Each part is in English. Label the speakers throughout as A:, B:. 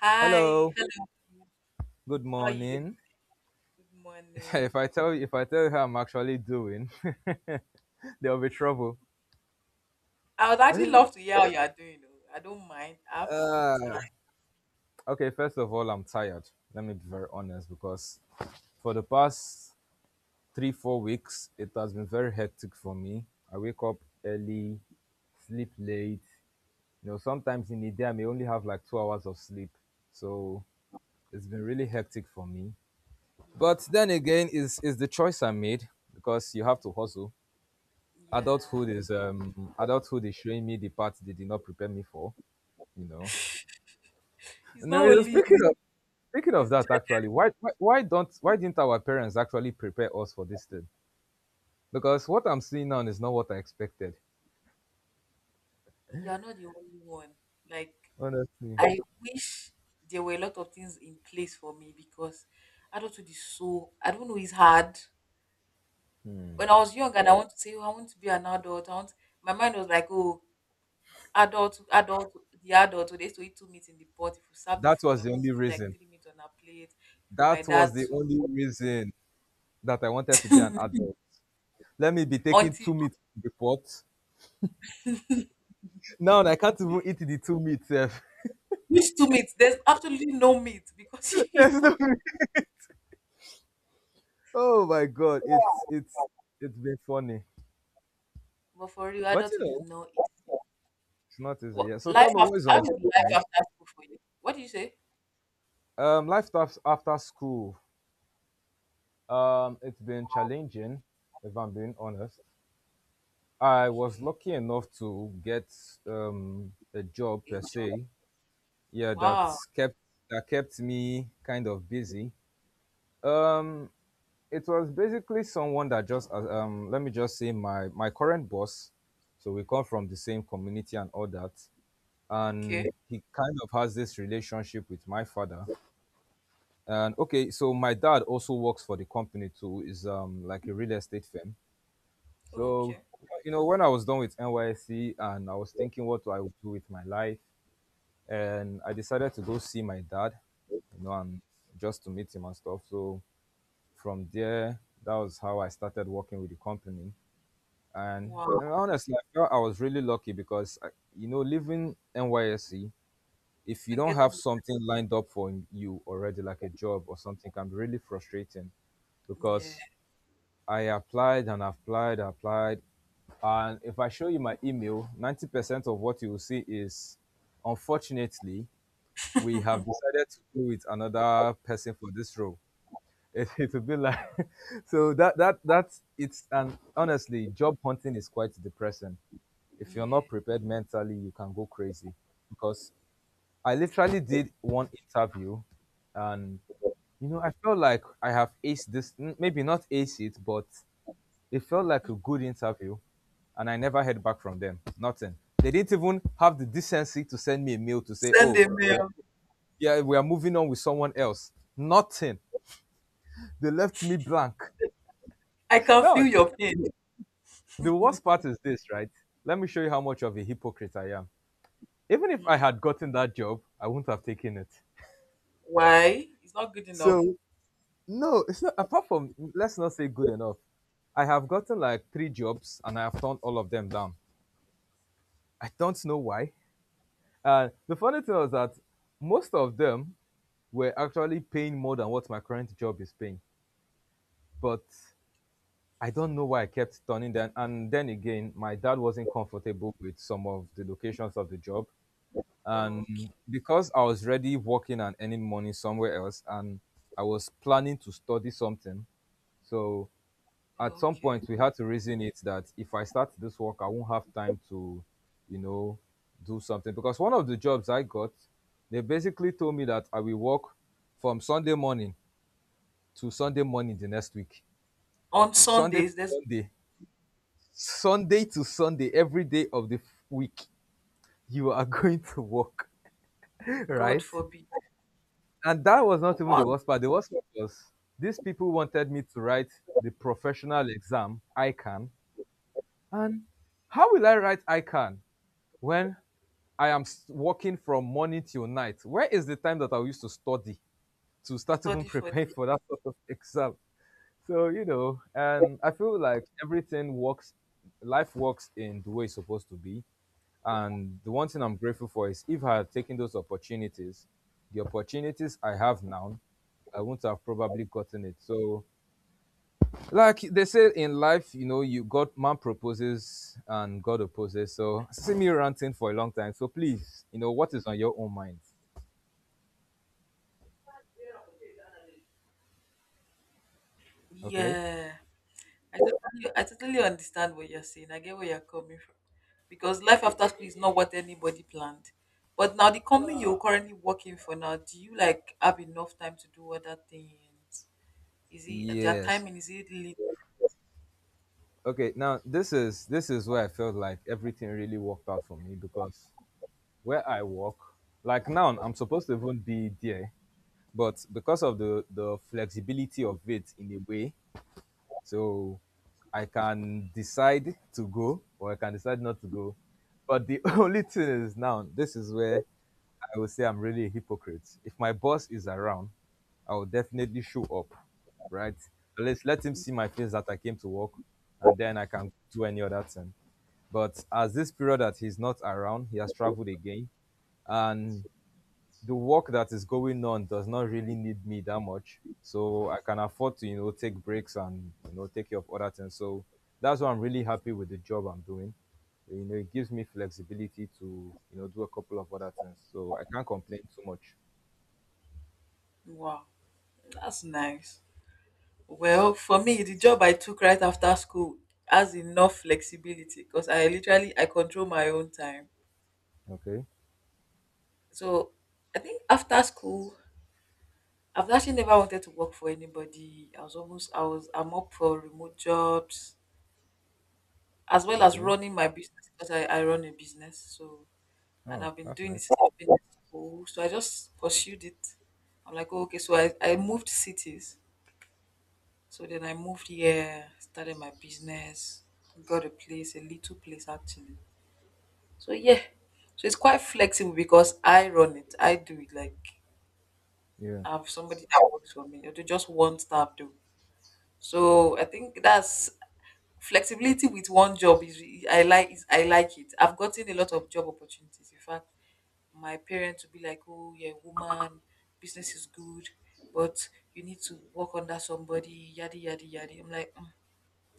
A: Hi,
B: Hello,
A: hello,
B: good
A: how are you doing?
B: morning.
A: Good morning.
B: If I tell you how I'm actually doing, there'll be trouble.
A: I would actually love to hear how you are doing. Oh. I don't mind. I have time.
B: Uh, okay, first of all, I'm tired. Let me be very honest because for the past 3, 4 weeks, it has been very hectic for me. I wake up early, sleep late. You know, sometimes in the day, I may only have like 2 hours of sleep. So it's been really hectic for me.
A: Yeah.
B: But then again, is the choice I made because you have to hustle.
A: Yeah.
B: Adulthood is adulthood is showing me the part they did not prepare me for, you know.
A: It's
B: Now
A: not
B: you know,
A: only
B: speaking
A: you,
B: of speaking of
A: it's
B: that
A: just
B: actually. Why didn't our parents actually prepare us for this thing, because what I'm seeing now is not what I expected?
A: you're not the only one. Like,
B: Honestly,
A: I wish there were a lot of things in place for me because adulthood is so, I don't know, it's hard. When I was young and I want to say, oh, I want to be an adult, I want, my mind was like, oh, adult the adult, oh, they used to eat two meat in the pot. If you serve the
B: that
A: food,
B: was
A: my
B: the
A: mom
B: only
A: would put like
B: reason
A: three meat on her plate for my
B: that was
A: dad
B: the
A: too.
B: only reason that I wanted to be an adult. Let me be taking two
A: Auntie.
B: meat to the pot. Now I can't even eat the two meat sef.
A: Which two meat? There's absolutely no meat, because
B: There's no- meat. Oh my god, it's it's been funny,
A: but for real,
B: but you
A: adulthood is
B: know.
A: not easy.
B: It's not easy.
A: what
B: Yeah. So
A: life
B: tell me
A: after
B: what is on
A: how is
B: your
A: life
B: mind.
A: after school for you? What do you say?
B: After school. It's been challenging, if I'm being honest. I was
A: Okay,
B: lucky enough to get a job
A: a
B: per
A: job.
B: se. Yeah,
A: Wow.
B: kept that kept me kind of busy. Um, it was basically someone that just let me just say my current boss. So we come from the same community and all that, and
A: Okay.
B: he kind of has this relationship with my father. And okay, so my dad also works for the company too, is like a real estate firm.
A: Oh,
B: So
A: okay.
B: you know, when I was done with NYC and I was thinking what do I would do with my life, and I decided to go see my dad, you know, and just to meet him and stuff. So from there, that was how I started working with the company. And you
A: Wow.
B: know, honestly, I felt I was really lucky because I, you know, leaving NYC, if you
A: I'm
B: don't
A: getting
B: have
A: it.
B: something lined up for you already, like a job or something, can be really frustrating
A: Yeah,
B: because I applied and applied. And if I show you my email, 90% of what you will see is, "Unfortunately, we have decided to go with another person for this role." It would be like so that that that's it's and honestly, job hunting is quite depressing. If you're
A: yeah.
B: not prepared mentally, you can go crazy because I literally did 1 interview, and you know, I felt like I have aced this. Maybe not ace it, but it felt like a good interview, and I never heard back from them. Nothing. They didn't even have the decency to send me a mail to say,
A: Send
B: "Oh,
A: a
B: we are,
A: mail.
B: yeah, we are moving on with someone else." Nothing. They left me blank.
A: I can feel
B: Now,
A: your pain.
B: the worst part is this, right? Let me show you how much of a hypocrite I am. Even if I
A: Hmm.
B: had gotten that job, I wouldn't have taken it.
A: Why? It's not good enough.
B: So no, it's not. Apart from, let's not say good enough. I have gotten like 3 jobs and I have turned all of them down. I don't know why. And the funny thing was that most of them were actually paying more than what my current job is paying. But I don't know why I kept turning them. And then again, my dad wasn't comfortable with some of the locations of the job.
A: Oh.
B: And because I was already working and earning money somewhere else, and I was planning to study something, so at some
A: Okay.
B: point we had to reason it that if I start this work, I won't have time to, you know, do something. Because one of the jobs I got, they basically told me that I will work from Sunday morning to Sunday morning the next week.
A: On
B: Sunday to
A: Sundays, there's.
B: Sunday, Sunday to Sunday, every day of the week, you are going to work,
A: God
B: right?
A: forbid.
B: And that was not even the
A: What?
B: worst part. The worst part was these people wanted me to write the professional exam, ICANN. And how will I write ICANN when I am working from morning till night? Where is the time that I used to study to start even
A: Study for the.
B: preparing for that sort of exam? So, you know, and I feel like everything works, life works in the way it's supposed to be. And the one thing I'm grateful for is if I had taken those opportunities, the opportunities I have now, I wouldn't have probably gotten it. So like they say in life, you know, you God man proposes and God opposes. So see me ranting for a long time. So please, you know, what is on your own mind? Okay.
A: Yeah. I totally understand what you're saying. I get where you're coming from. Because life after school is not what anybody planned. But now the company you're currently working for now, do you like have enough time to do other things? Is it, their
B: Yes.
A: timing, is it lit?
B: Okay. Now this is where I felt like everything really worked out for me because where I work, like now I'm supposed to even be there, but because of the flexibility of it in a way, so I can decide to go or I can decide not to go. But the only thing is now, this is where I will say I'm really a hypocrite. If my boss is around, I will definitely show up, right? Let's let him see my face that I came to work, and then I can do any other thing. But as this period that he's not around, he has traveled again. And the work that is going on does not really need me that much. So I can afford to, you know, take breaks and, you know, take care of other things. So that's why I'm really happy with the job I'm doing. You know, it gives me flexibility to, you know, do a couple of other things. So I can't complain too much.
A: Wow, that's nice. Well, for me, the job I took right after school has enough flexibility because I literally I control my own time.
B: Okay.
A: So I think after school, I've actually never wanted to work for anybody. I was almost I was I'm up for remote jobs as well as
B: Okay.
A: running my business, because I run a business. So and
B: Oh,
A: I've been
B: that's
A: doing it
B: nice.
A: since I've been in school. So I just pursued it. I'm like, oh, okay, so I moved cities. So then I moved here, started my business, got a place, a little place actually. So yeah. So it's quite flexible because I run it. I do it like
B: Yeah.
A: have somebody that works for me or to just one staff though. So I think that's flexibility with one job is I like it. I've gotten a lot of job opportunities. In fact, my parents would be like, "Oh yeah, woman, business is good, but you need to work under somebody, yada yada yada." I'm like, "Mm,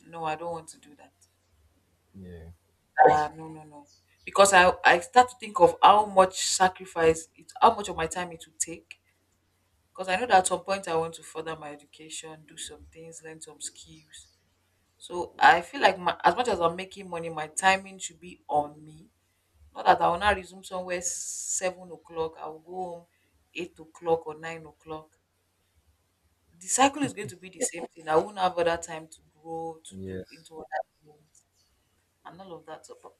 A: no, I don't want to do that.
B: Yeah.
A: No no no." Because I start to think of how much of my time it would take, because I know that at some point I want to further my education, do some things, learn some skills. So I feel like my, as much as I'm making money, my timing should be on me. Not that I will not resume somewhere 7 o'clock, I will go home 8 o'clock or 9 o'clock. The cycle is going to be the same thing. I won't have other time to grow, to look
B: Yes.
A: into other things and all of that. So,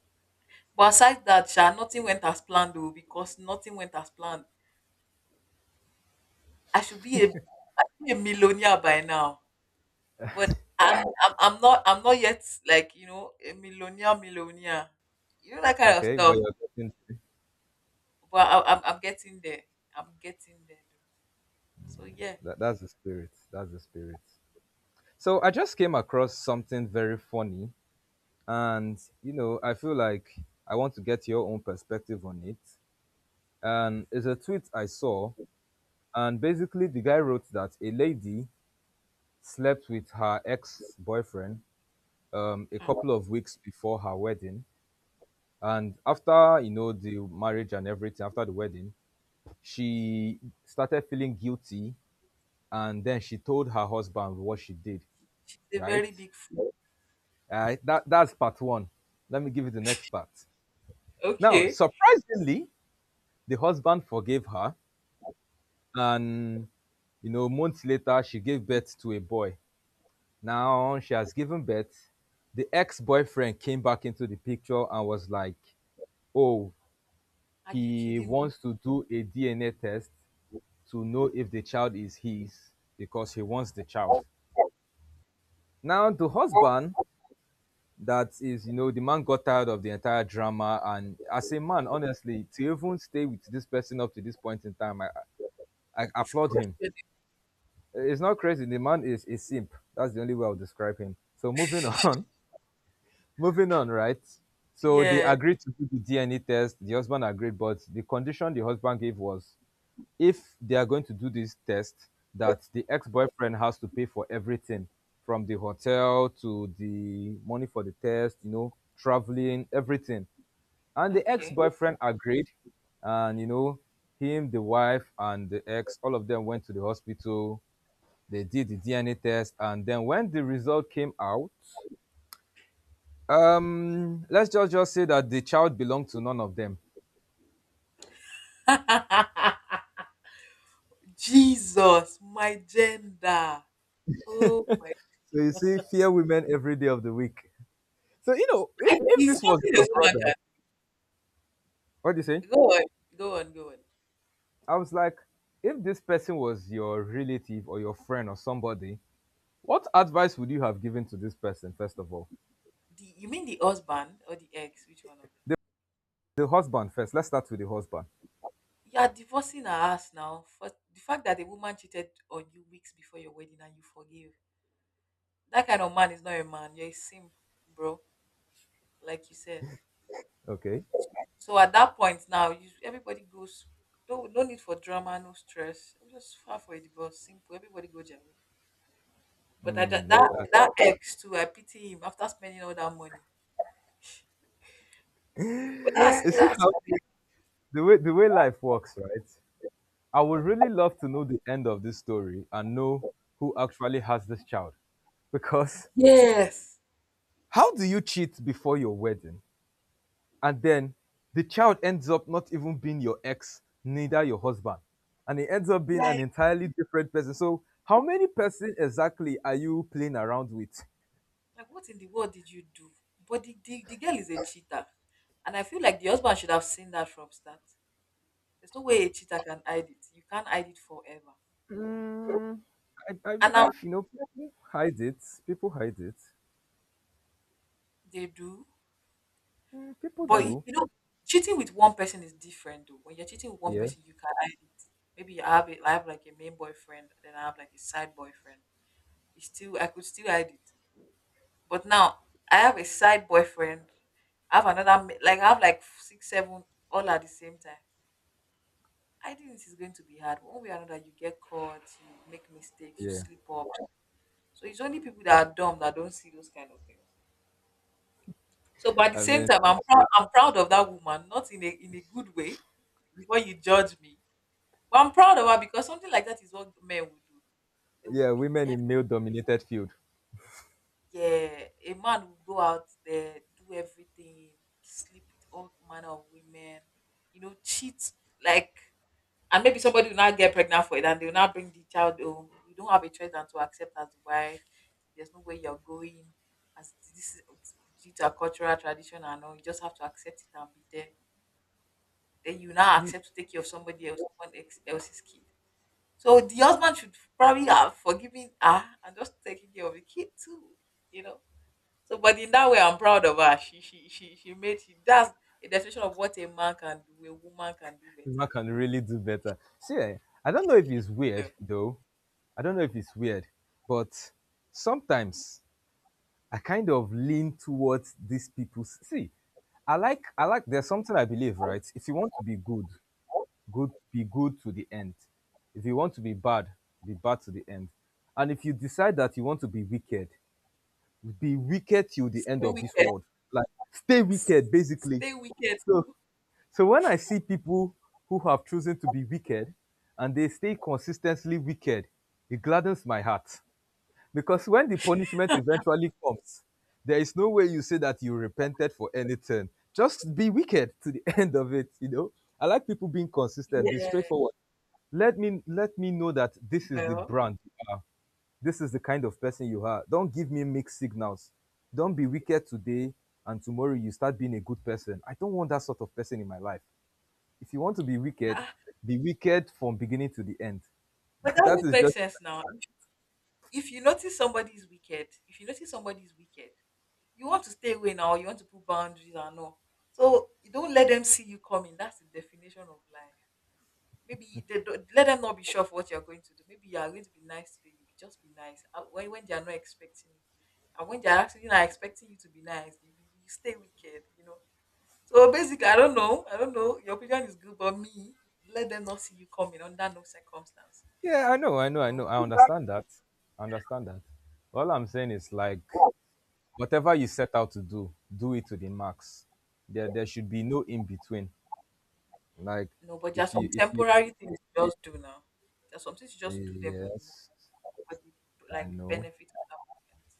A: but aside that, Sha, nothing went as planned though, because nothing went as planned. I should be a millionaire by now. But I'm not yet, like, you know, a millionaire millionaire, you know, that kind of
B: Okay. But
A: stuff.
B: you're getting
A: But I'm getting there. I'm getting there though. So yeah.
B: that, That's the spirit. So I just came across something very funny, and you know I feel like I want to get your own perspective on it. And it's a tweet I saw, and basically the guy wrote that a lady slept with her ex-boyfriend, a
A: Hmm,
B: couple of weeks before her wedding. And after, you know, the marriage and everything, after the wedding, she started feeling guilty, and then she told her husband what she did,
A: it's a
B: right.
A: very big food.
B: That, that's part one. Let me give you the next part. Now
A: Okay,
B: surprisingly, the husband forgave her, and you know, months later she gave birth to a boy. Now she has given birth. The ex-boyfriend came back into the picture and was like, "Oh,
A: are you
B: he
A: kidding me?
B: wants to do a DNA test to know if the child is his because he wants the child." Now the husband, that is, you know, the man got tired of the entire drama, and as a man, honestly, to even stay with this person up to this point in time, I
A: This
B: applaud him.
A: question,
B: It's not crazy. The man is a simp. That's the only way I'll describe him. So moving on, moving on, right? So they
A: yeah.
B: agreed to do the DNA test. The husband agreed, but the condition the husband gave was if they are going to do this test, that the ex-boyfriend has to pay for everything, from the hotel to the money for the test, you know, traveling, everything. And the
A: Okay.
B: ex-boyfriend agreed, and you know, him, the wife, and the ex, all of them went to the hospital. They did the DNA test, and then when the result came out, let's just say that the child belonged to none of them.
A: Jesus, my gender. Oh my.
B: So you see, fear women every day of the week. So you know,
A: I,
B: if
A: it's
B: this was
A: something
B: your
A: a woman
B: brother,
A: can.
B: what do you say?
A: Go on, go on, go on.
B: I was like, if this person was your relative or your friend or somebody, what advice would you have given to this person first of all?
A: The, you mean the husband or the ex? Which one of them?
B: The, the husband first. Let's start with the husband.
A: You are divorcing her ass now. For the fact that the woman cheated on you weeks before your wedding and you forgive. That kind of man is not a man. You're a simp, bro. Like you said.
B: Okay.
A: So at that point now, you everybody goes. No, no need for drama, no stress. I'm just far for a divorce. Simple. Everybody go their way. But I,
B: Mm,
A: that that
B: that, that.
A: that ex too, I pity him after spending all that money. But that's
B: You see
A: that's
B: how the way life works, right? I would really love to know the end of this story and know who actually has this child. Because
A: Yes.
B: how do you cheat before your wedding and then the child ends up not even being your ex, neither your husband, and it ends up being an entirely different person? So, how many person exactly are you playing around with?
A: Like what in the world did you do? But the girl is a cheater. And I feel like the husband should have seen that from start. There's no way a cheater can hide it. You can't hide it forever.
B: Mm, I
A: And now
B: believe you know people hide it. People hide it.
A: they do,
B: Mm, people
A: but you
B: do.
A: you know, cheating with one person is different though. When you're cheating with one
B: Yeah,
A: person, you can hide it. Maybe you have it. I have like a main boyfriend, then I have like a side boyfriend. It's still I could still hide it. But now I have a side boyfriend. I have another ma- like I have like six, seven all at the same time. Hiding it is going to be hard. One way or another, you get caught, you make mistakes, you
B: yeah.
A: slip up. So it's only people that are dumb that don't see those kind of things. So, but at the
B: I
A: same
B: mean,
A: time, I'm proud. I'm proud of that woman, not in a good way. Before you judge me, but I'm proud of her because something like that is what men would do. They would
B: yeah,
A: be,
B: women
A: eff-
B: in male-dominated field.
A: yeah, a man would go out there, do everything, sleep with all manner of women, you know, cheat like, and maybe somebody will not get pregnant for it, and they will not bring the child home. You don't have a choice than to accept as the wife. There's no way you're going, as this is due to our cultural tradition and all. You just have to accept it and be there, then you now accept to take care of somebody else, someone ex- else's kid. So the husband should probably have forgiven her and just taking care of the kid too, you know. So, but in that way, I'm proud of her. She made she that's a definition of what a man can do, a woman can do
B: Silver
A: better.
B: can really do better. See, eh, I don't
A: She
B: know if
A: did
B: it's weird
A: well.
B: though. I don't know if it's weird, but sometimes I kind of lean towards these people. See, I like there's something I believe, right? If you want to be good, good be good to the end. If you want to be bad to the end. And if you decide that you want to be wicked till the end
A: Stay
B: of this
A: wicked.
B: world. Like stay
A: S-
B: wicked basically.
A: Stay wicked.
B: So so when I see people who have chosen to be wicked and they stay consistently wicked, it gladdens my heart. Because when the punishment eventually comes, there is no way you say that you repented for anything. Just be wicked to the end of it. I like people being consistent, be
A: Yeah,
B: straightforward. Let me know that this is the
A: well.
B: brand you are. This is the kind of person you are. Don't give me mixed signals. Don't be wicked today and tomorrow you start being a good person. I don't want that sort of person in my life. If you want to
A: ah, ah,
B: be wicked from beginning to the end.
A: but that
B: that
A: would
B: is
A: make
B: just
A: sense now. If you notice somebody's wicked, if you notice somebody's wicked, you want to stay away now, you want to put boundaries and all. So you don't let them see you coming. That's the definition of life. Maybe they don't, let them not be sure of what you're going to do. Maybe you are going to be nice today. You be, just be nice. And when they are not expecting it, and when they are actually not expecting you to be nice, you stay wicked. You know. So basically, I don't know. I don't know. Your opinion is good, but me, let them not see you coming under no circumstances.
B: yeah, I know, I know,
A: You
B: I know.
A: know.
B: I understand that. I understand that. All I'm saying is like whatever you set out to do, do it to the max. There should be no in between. Like
A: No, but there are some
B: if you
A: temporary things you just do now. There are some things you just
B: eh,
A: do them for the
B: yes,
A: moment, for the,
B: I
A: like, benefit
B: know.
A: at the moment.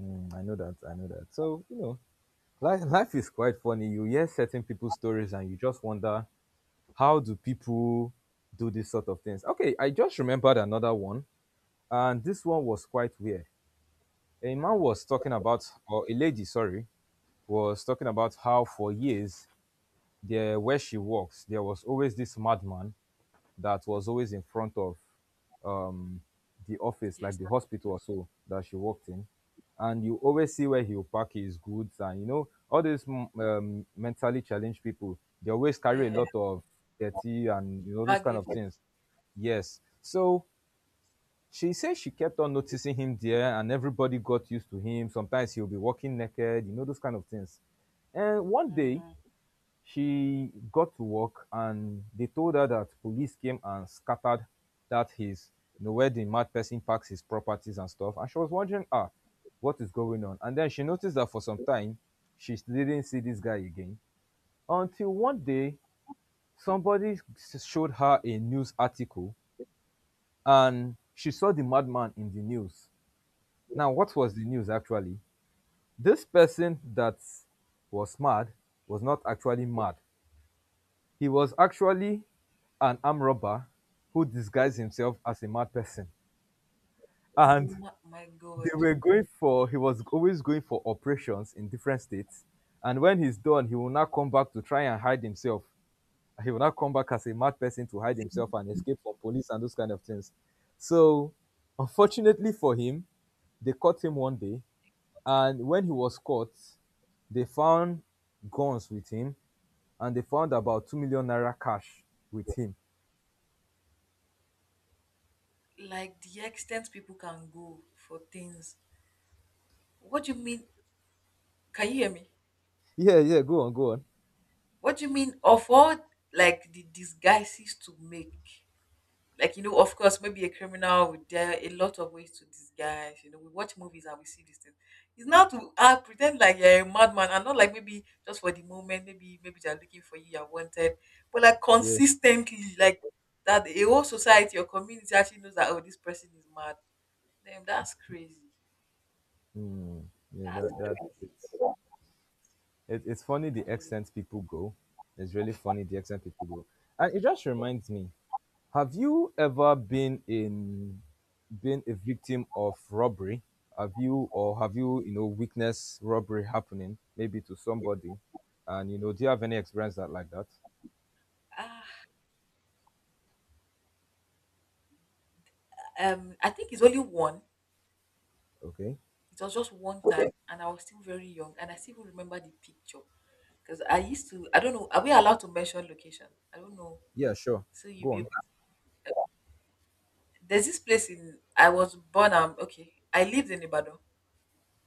B: Mm, I know that. I know that. So, you know, life is quite funny. You hear certain people's stories and you just wonder how do people do this sort of things. Okay, I just remembered another one. And this one was quite weird. A man was talking about, or a lady, sorry, was talking about how for years there, where she works, there was always this madman that was always in front of um, the office, like
A: Yes,
B: the hospital or so that she worked in, and you always see where he'll pack his goods, and you know all these mentally challenged people, they always carry
A: yeah,
B: a lot of dirty and you know those kind of
A: baggages.
B: things. Yes, so she says she kept on noticing him there and everybody got used to him. Sometimes he'll be walking naked, you know, those kind of things. And one day she got to work and they told her that police came and scattered that his, you know, where the mad person parks his properties and stuff. And she was wondering, ah, what is going on? And then she noticed that for some time she didn't see this guy again until one day somebody showed her a news article and she saw the madman in the news now, what was the news actually? This person that was mad was not actually mad. He was actually an armed robber who disguised himself as a mad person. And
A: My
B: they
A: God,
B: were going for, he was always going for operations in different states. And when he's done, he will not come back to try and hide himself. He will not come back as a mad person to hide himself and escape from police and those kind of things. So, unfortunately for him, they caught him one day. And when he was caught, they found guns with him and they found about 2 million naira cash with him.
A: like the extent people can go for things. What do you mean? Can you hear me?
B: Yeah, yeah, go on, go on.
A: What do you mean of all like the disguises to make? Like, you know, of course, maybe a criminal, there are a lot of ways to disguise. You know, we watch movies and we see these things. It's not to, ah, pretend like you're a madman, and not like maybe just for the moment, maybe maybe they're looking for you, you're wanted, but like
B: Yeah.
A: consistently, like that a whole society or community actually knows that, oh, this person is mad. Damn, that's crazy.
B: Mm, yeah,
A: that's
B: that it's funny the
A: that's really.
B: extent people go. It's really funny the extent people go. And it just reminds me, have you ever been in been a victim of robbery? Have you or have you, you know, witnessed robbery happening maybe to somebody? And you know, do you have any experience that like that?
A: ah I think it's only one.
B: Okay.
A: It was just one time and I was still very young and I still remember the picture. Because I used to, I don't know, are we allowed to mention location? I don't know.
B: Yeah, sure.
A: So you
B: Go
A: be,
B: on.
A: able, there's this place in, I was born, okay, I lived in Ibadan.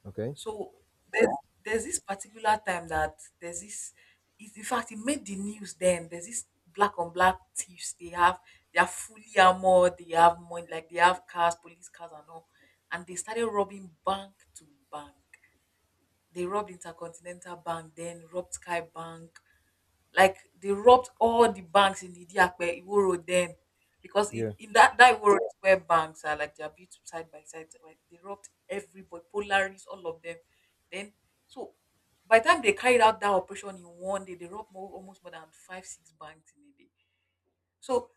B: Okay.
A: So there's, there's, this particular time that there's this, it, in fact, it made the news then. There's this black on black thieves. They are fully armored, they have money, like they have cars, police cars and all. And they started robbing bank to bank. They robbed Intercontinental Bank, then robbed Sky Bank. Like they robbed all the banks in Idiape, Iwo Road then. Because it,
B: Yeah.
A: in that, that Iwo Road is where banks are like they are built side by side. Like, they robbed everybody, Polaris, all of them. Then so by the time they carried out that operation in one day, they robbed more, almost more than five, six banks in a day. So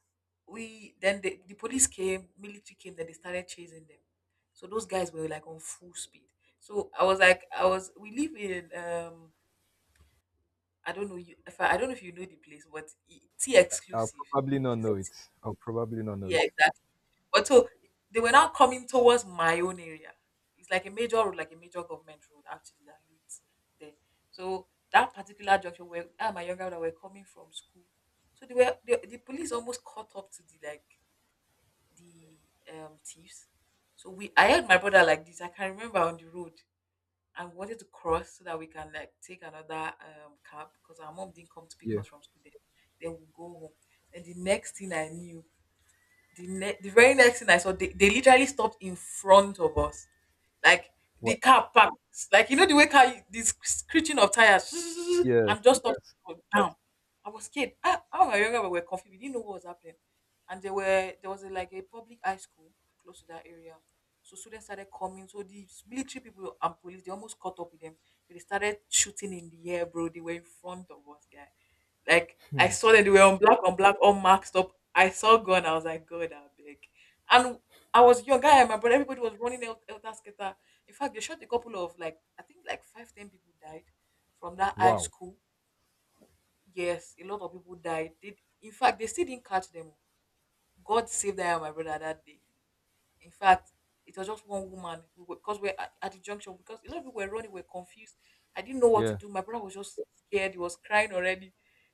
A: we then the police came, military came, then they started chasing them. So those guys were like on full speed. So I was like, I was we live in I don't know you if I, I don't know if you know the place, but T
B: I'll
A: exclusive.
B: probably not
A: Is
B: know
A: it?
B: it. I'll probably not know
A: Yeah,
B: it.
A: exactly. But so they were now coming towards my own area. It's like a major road, like a major government road actually that leads there. So that particular junction where I and my younger brother were coming from school. So they were the police almost caught up to the thieves. So we I had my brother like this. I can remember on the road, and we wanted to cross so that we can like take another cab because our mom didn't come to pick
B: Yeah.
A: us from school then. Then we'll go home. And the next thing I knew, the very next thing I saw, they literally stopped in front of us. Like the
B: What?
A: car parked. Like you know the way car this screeching of tires
B: Yes.
A: and just stopped
B: Yes.
A: down. I was scared. I was younger, but we were confused. We didn't know what was happening. And there was a, like a public high school close to that area. So students started coming. So the military people and police they almost caught up with them. They started shooting in the air, bro. They were in front of us, guys. Like I saw them, they were on black, all marked up. I saw God, I was like, God, I beg. And I was young, guy, and my brother, everybody was running out el, that skater. In fact, they shot a couple of like I think like five, ten people died from that high
B: Wow.
A: school. Yes, a lot of people died. They, in fact, they still didn't catch them. God saved I and my brother that day. In fact, it was just one woman we were, because we're at the junction because a lot of people were running, were confused. I didn't know what to
B: Yeah.
A: do. My brother was just scared. He was crying already.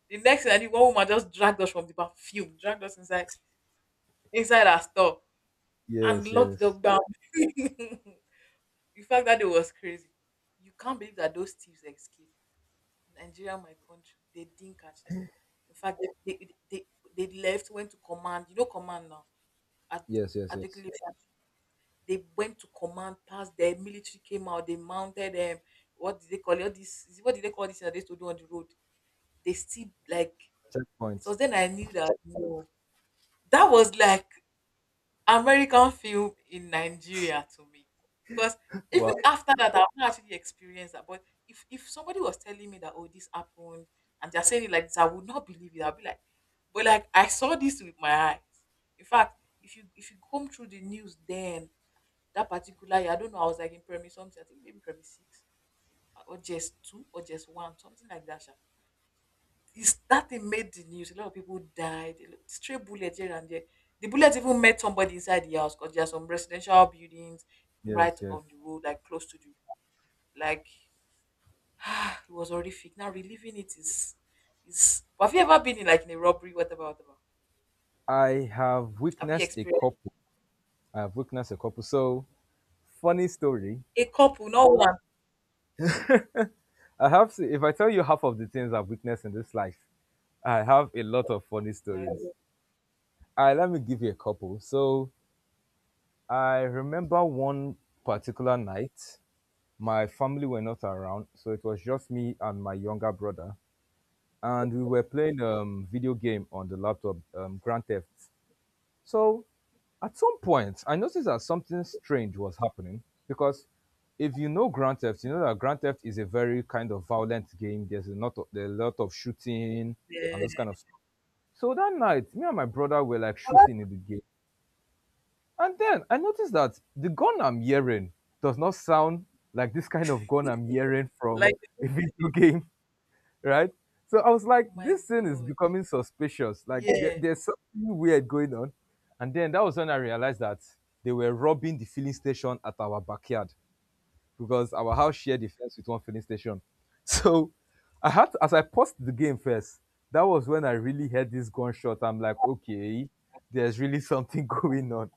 A: The next thing I did, one woman just dragged us from the back, fume, dragged us inside our store and
B: Yes.
A: locked the
B: Yes.
A: dog down. In fact, that day was crazy. You can't believe that those thieves escaped. Nigeria, my country, they didn't catch them. In fact, they, they, they, they left, went to command. You know, command now at,
B: Yes, yes,
A: at the
B: yes.
A: cliff. They went to command, passed the military came out, they mounted them. What did they call it? All this is what did they call this thing that they used to do on the road? They still like it
B: Checkpoint.
A: was then I knew that no. That was like American film in Nigeria to me. Because even
B: Wow.
A: after that, I've not actually experienced that. But if somebody was telling me that oh this happened and they're saying it like this, I would not believe it. I'll be like, but like I saw this with my eyes. In fact, if you comb through the news then that particular year. I don't know. I was like in primary something. I think maybe primary six or just two or just one, something like that. Sha. It's, that thing made the news. A lot of people died. Stray bullet here and there. The bullet even met somebody inside the house because there are some residential buildings
B: Yes.
A: right
B: Yes.
A: on the road, like close to the like. It was horrific. Now reliving it is. But have you ever been in like in a robbery, whatever, whatever?
B: I have
A: Have you
B: witnessed a
A: experienced
B: couple. I have witnessed a couple. So funny story.
A: a couple, not one?
B: I have. To, if I tell you half of the things I've witnessed in this life, I have a lot of funny
A: My
B: stories.
A: God,
B: I let me give you a couple. So I remember one particular night. My family were not around, so it was just me and my younger brother, and we were playing video game on the laptop, Grand Theft. So, at some point, I noticed that something strange was happening because if you know Grand Theft, you know that Grand Theft is a very kind of violent game. There's a lot of, there are a lot of shooting and those
A: yeah.
B: kind of stuff. So that night, me and my brother were like shooting in the game and then I noticed that the gun I'm hearing does not sound like this kind of gun I'm hearing from
A: Like
B: a video game, right? So I was like,
A: my
B: this thing is
A: God,
B: becoming suspicious. Like there,
A: yeah.
B: there's something weird going on. And then that was when I realized that they were robbing the filling station at our backyard because our house shared the fence with one filling station. So I had to, as I paused the game first, that was when I really heard this gunshot. I'm like, okay, there's really something going on.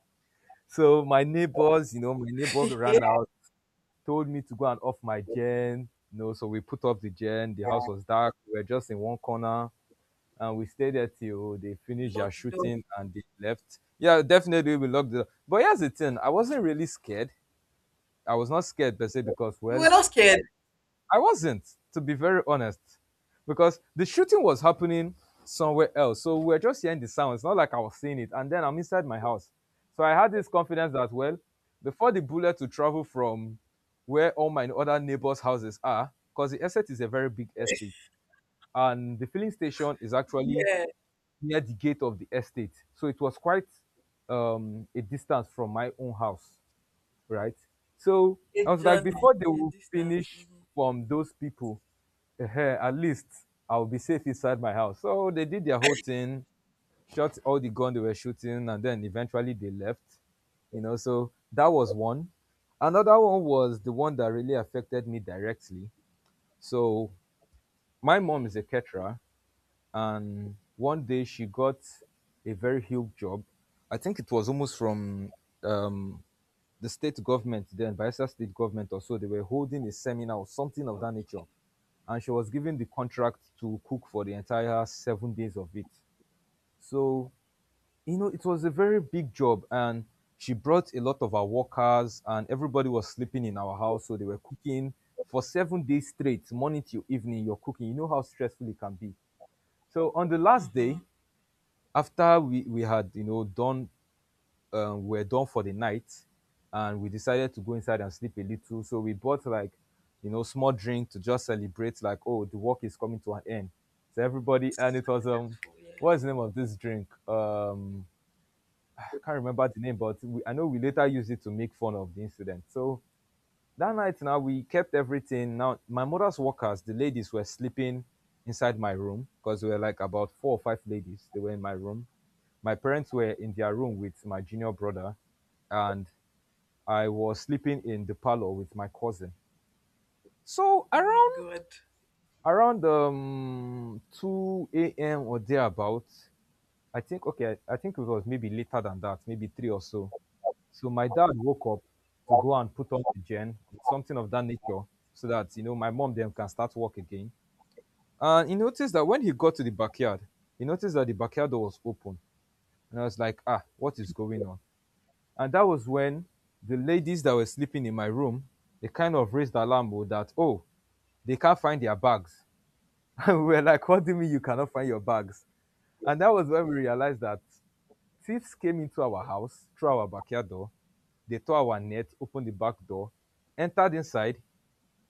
B: So my neighbors, you know, my neighbor
A: You
B: ran out, told me to go and off my gen. You know, so we put off the gen. The house was dark. We were just in one corner, and we stayed there till they finished their
A: lock the door.
B: shooting and they left. Yeah, definitely we locked it up. But here's the thing: I wasn't really scared. I was not scared per se because,
A: You
B: well,
A: were not scared.
B: I wasn't, to be very honest, because the shooting was happening somewhere else. So we were just hearing the sound. It's not like I was seeing it. And then I'm inside my house. So I had this confidence that, well, before the bullet to travel from where all my other neighbors' houses are, because the estate is a very big estate. And the filling station is actually
A: Yeah,
B: near the gate of the estate. So it was quite a distance from my own house, right? So
A: a
B: I was like,
A: journey,
B: before they
A: a
B: will
A: distance.
B: finish
A: Mhm.
B: from those people, at least I'll be safe inside my house. So they did their whole thing, shot all the gun they were shooting, and then eventually they left. You know, so that was one. Another one was the one that really affected me directly. So my mom is a
A: Eh,
B: caterer, and one day she got a very huge job. I think it was almost from um, the state government, the Bayelsa state government or so they were holding a seminar or something of that nature. And she was given the contract to cook for the entire seven days of it. So, you know, it was a very big job. And she brought a lot of our workers, and everybody was sleeping in our house. So they were cooking for seven days straight, morning till evening. You're cooking. You know how stressful it can be. So on the last day,
A: mm-hmm.
B: after we had, you know, done were done for the night, and we decided to go inside and sleep a little. So we bought like, you know, small drink to just celebrate, like, oh, the work is coming to an end. So everybody, and it was
A: Successful, yeah.
B: what's the name of this drink? I can't remember the name, but we, I know we later used it to make fun of the incident. So that night now we kept everything. Now my mother's workers, the ladies were sleeping inside my room because we were like about four or five ladies. They were in my room. My parents were in their room with my junior brother, and I was sleeping in the parlor with my cousin. So
A: Oh my
B: around
A: God.
B: around um 2 a.m. or thereabout, I think okay, I think it was maybe later than that, maybe three or so. So my dad woke up to go and put on the gen, something of that nature, so that you know my mom then can start work again. And he noticed that when he got to the backyard, he noticed that the backyard door was open, and I was like, ah, what is going on? And that was when the ladies that were sleeping in my room, they kind of raised the alarm oh, that oh, they can't find their bags. And we were like, what do you mean you cannot find your bags? And that was when we realized that thieves came into our house through our backyard door. They tore our net, opened the back door, entered inside,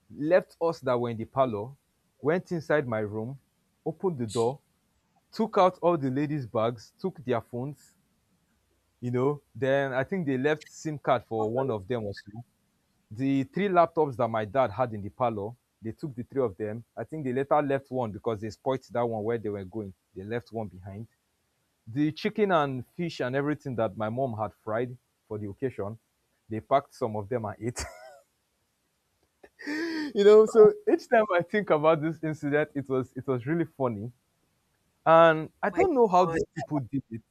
B: left us that were in the parlor, went inside my room, opened the
A: Gee,
B: door, took out all the ladies' bags, took their phones, you know. Then I think they left SIM card for one of them or so. The three laptops that my dad had in the parlor, they took the three of them. I think they later left one because they spoilt that one where they were going. They left one behind. The chicken and fish and everything that my mom had fried for the occasion, they packed some of them and ate. You know, so each time I think about this incident, it was really funny, and I
A: my
B: don't know how
A: God.
B: these people did it.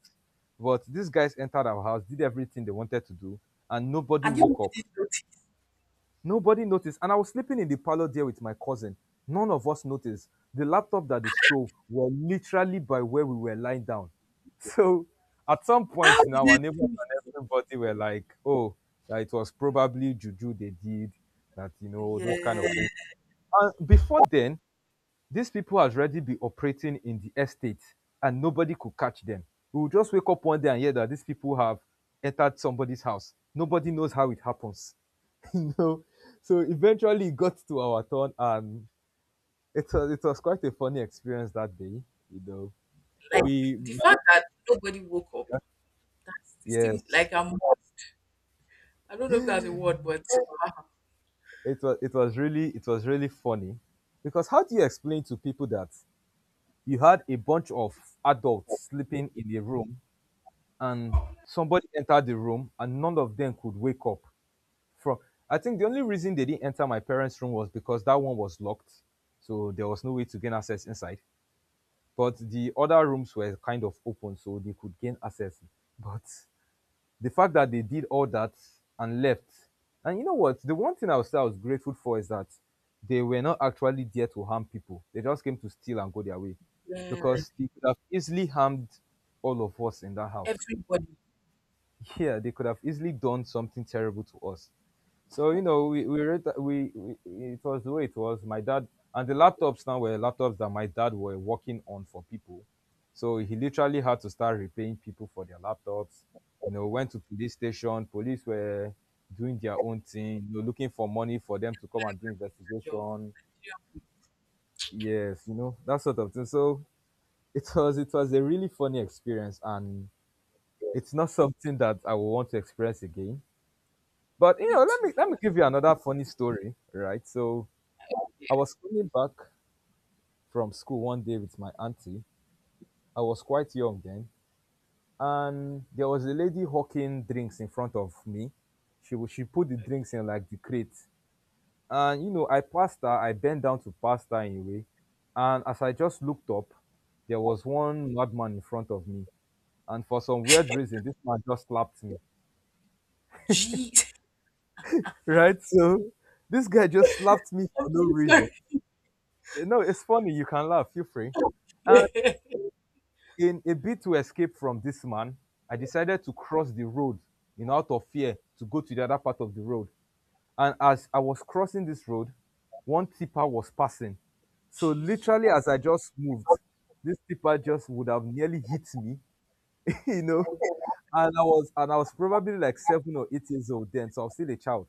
B: But these guys entered our house, did everything they wanted to do, and nobody
A: And you
B: woke up,
A: didn't notice.
B: nobody noticed. And I was sleeping in the parlor there with my cousin. None of us noticed. The laptop that they stole were literally by where we were lying down. So at some
A: How
B: point
A: did
B: now,
A: they
B: our neighbors
A: do it?
B: and everybody were like, oh, that it was probably juju they did, that those kind of
A: Yeah.
B: things. And before then, these people has already been operating in the estate, and nobody could catch them. We would just wake up one day and hear that these people have entered somebody's house. Nobody knows how it happens. You know? So eventually it got to our turn, and it was quite a funny experience that day, you know.
A: Like
B: We
A: the fact that nobody woke up. It seemed
B: yes.
A: like I don't know if that's a word, but
B: It was really it was really funny. Because how do you explain to people that you had a bunch of adults sleeping in a room, and somebody entered the room and none of them could wake up from? I think the only reason they didn't enter my parents room was because that one was locked, so there was no way to gain access inside, but the other rooms were kind of open, so they could gain access. But the fact that they did all that and left, and you know what, the one thing I would say I was grateful for is that they were not actually there to harm people. They just came to steal and go their way,
A: yeah,
B: because they could have easily harmed all of us in that house.
A: everybody
B: Yeah, they could have easily done something terrible to us. So you know, read we it was the way it was. My dad and the laptops now were laptops that my dad were working on for people. So he literally had to start repaying people for their laptops. You know, went to police station. Police were doing their own thing. You know, looking for money for them to come and do
A: had a job.
B: investigation.
A: Yeah,
B: Yes, you know, that sort of thing. So it was a really funny experience, and it's not something that I will want to experience again. But you
A: me
B: know, let
A: too.
B: me let me
A: I
B: give
A: don't.
B: you another funny story, right? So I was coming back from school one day with my auntie. I was quite young then, and there was a lady hawking drinks in front of me. She put the drinks in like the crate, and you know, I passed her. I bent down to pass her in a way, and as I just looked up, there was one madman in front of me, and for some weird reason, this man just slapped me.
A: Jeez.
B: Right, so this guy just slapped me for
A: I'm
B: no
A: so
B: reason.
A: sorry.
B: No, it's funny. You can laugh. Feel free. And in a bid to escape from this man, I decided to cross the road in out of fear to go to the other part of the road. And as I was crossing this road, one tipper was passing. So
A: Jesus.
B: literally, as I just moved, this tipper just would have nearly hit me, you know. And I was, and I was probably like 7 or 8 years old then, so I was still a child.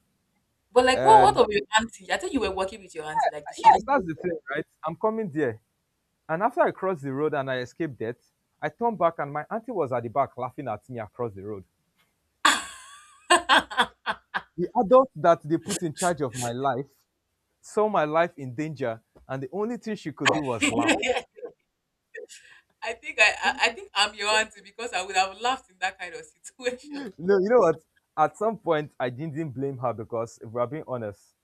A: But like what
B: And
A: of your auntie? I think you were working with your auntie, like did she
B: yes, that's the thing, right? I'm coming there. And after I crossed the road and I escaped death, I turned back and my auntie was at the back laughing at me across the road. The adult that they put in charge of my life saw my life in danger, and the only thing she could do was laugh.
A: I think I think I'm your auntie because I would have laughed in that kind of situation.
B: No, you know what? At some point, I didn't blame her because, if we're being honest,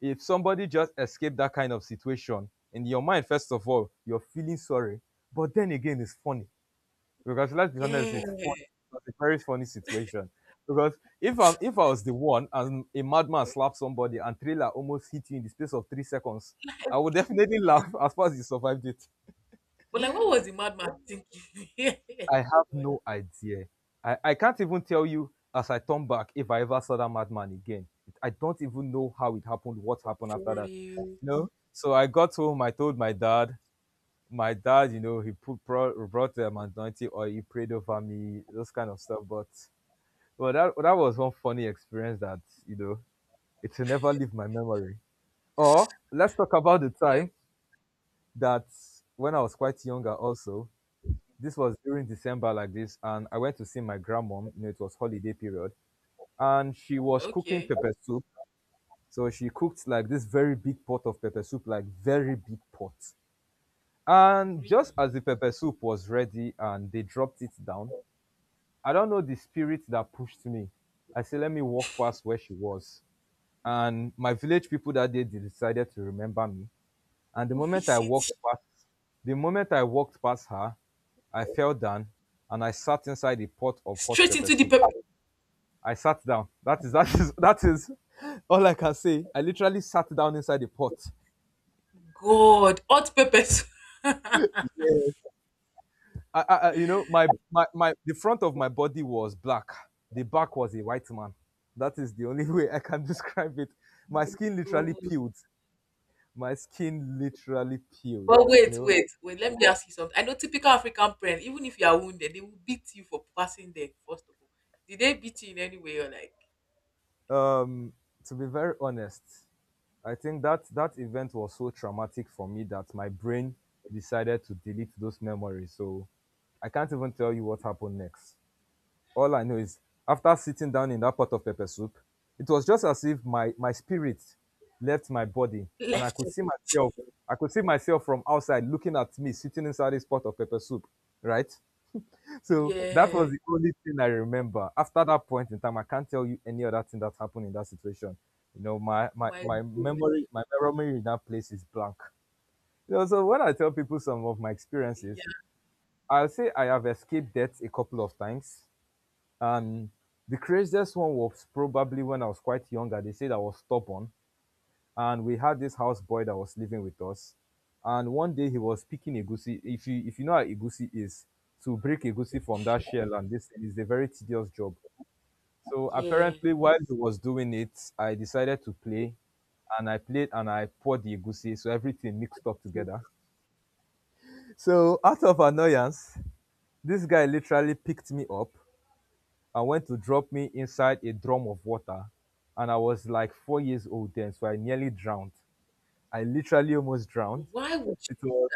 B: if somebody just escaped that kind of situation, in your mind, first of all, you're feeling sorry, but then again, it's funny. Because let's be honest,
A: Yeah.
B: it's funny. It's a very funny situation. Because if I'm if I was the one and a madman slapped somebody and trailer almost hit you in the space of 3 seconds, I would definitely laugh as far as you survived it.
A: But like what was the madman thinking? Yeah.
B: I have
A: God,
B: no idea. I can't even tell you, as I turn back, if I ever saw that madman again. I don't even know how it happened, what happened after
A: for
B: that.
A: you.
B: You know? So I got home, I told my dad. My dad, you know, he brought anointing oil, he prayed over me, those kind of stuff. But well, that was one funny experience that, you know, it will never leave my memory. Or let's talk about the time
A: Like,
B: that when I was quite younger. Also, this was during December like this, and I went to see my grandmom. You know, it was holiday period, and she was cooking
A: okay,
B: pepper soup. So she cooked like this very big pot of pepper soup, like very big pot. And just
A: really?
B: as the pepper soup was ready, and they dropped it down, I don't know the spirit that pushed me. I said, let me walk past where she was. And my village people that day, they decided to remember me, and the
A: Oh,
B: moment I
A: VCT.
B: walked past, the moment I walked past her, I fell down and I sat inside a pot of hot
A: Straight
B: pepper
A: into the
B: soup.
A: pepper.
B: I sat down. That is that is all I can say. I literally sat down inside the pot.
A: God, hot peppers.
B: Yes. You know, the front of my body was black. The back was a white man. That is the only way I can describe it. My skin literally
A: God.
B: peeled. My skin literally peeled.
A: But
B: You
A: wait,
B: know,
A: wait, wait. Let me ask you something. I know typical African parents, even if you are wounded, they will beat you for passing there, first of all. Did they beat you in any way or like
B: um to be very honest, I think that that event was so traumatic for me that my brain decided to delete those memories, so I can't even tell you what happened next. All I know is, after sitting down in that pot of pepper soup, it was just as if my spirit left my body, and I
A: left
B: could
A: you?
B: see myself. I could see myself from outside looking at me sitting inside this pot of pepper soup, right? So that
A: Yeah.
B: was the only thing I remember. After that point in time, I can't tell you any other thing that happened in that situation. You know, my my,
A: My
B: my
A: God.
B: memory, my memory in that place is blank. You know, so when I tell people some of my experiences,
A: Yeah.
B: I'll say I have escaped death a couple of times. And the craziest one was probably when I was quite younger. They said I was stubborn, and we had this houseboy that was living with us. And one day he was picking egusi. If you know how egusi is, to break egusi from that shell, and this thing is a very tedious job. So
A: Yeah.
B: apparently, while he was doing it, I decided to play, and I played and I poured the egusi, so everything mixed up together. So out of annoyance, this guy literally picked me up and went to drop me inside a drum of water, and I was like 4 years old then, so I nearly drowned. I literally almost drowned.
A: Why would
B: it
A: you?
B: was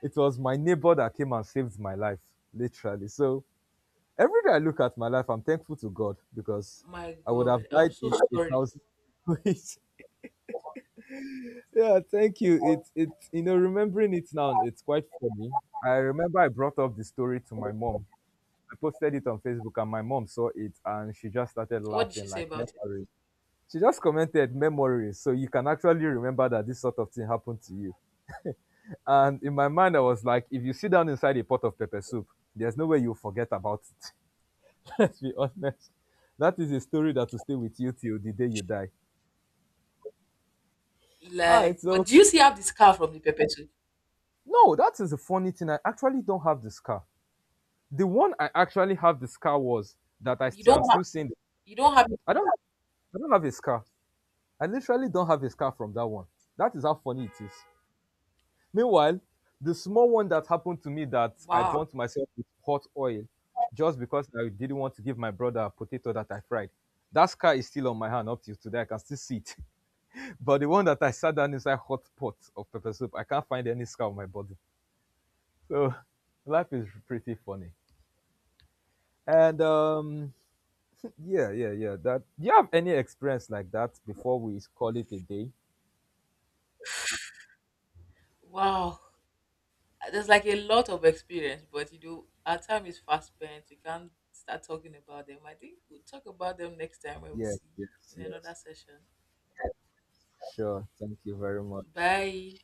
B: it was my neighbor that came and saved my life, literally. So every day I look at my life, I'm thankful to God, because
A: My
B: I would have
A: God. I'm
B: died
A: so
B: in a
A: sorry.
B: thousand ways. Yeah, thank you. It's you know, remembering it now, it's quite funny. I remember I brought up the story to my mom. I posted it on Facebook, and my mom saw it, and she just started
A: What did she
B: laughing,
A: say
B: like,
A: about
B: memories. She just commented memories. So you can actually remember that this sort of thing happened to you. And in my mind, I was like, if you sit down inside a pot of pepper soup, there's no way you'll forget about it. Let's be honest. That is a story that will stay with you till the day you die.
A: it?
B: All right,
A: Like, but
B: so
A: do you see have the scar from the pepper too?
B: no, that is a funny thing. I actually don't have the scar. The one I actually have the scar was that
A: You
B: I'm
A: don't have
B: still seeing.
A: it.
B: I don't have, I don't have a scar. I literally don't have a scar from that one. That is how funny it is. Meanwhile, the small one that happened to me that I
A: Wow.
B: burnt myself with hot oil just because I didn't want to give my brother a potato that I fried. That scar is still on my hand up till today. I can still see it. But the one that I sat down inside hot pot of pepper soup, I can't find any scar on my body. So life is pretty funny. And yeah, yeah, yeah. That do you have any experience like that before we call it a day?
A: Wow. There's like a lot of experience, but you know, our time is fast spent. We can't start talking about them. I think we'll talk about them next time when we
B: Yes,
A: see
B: yes,
A: in another
B: yes.
A: session.
B: Sure. Thank you very much.
A: Bye.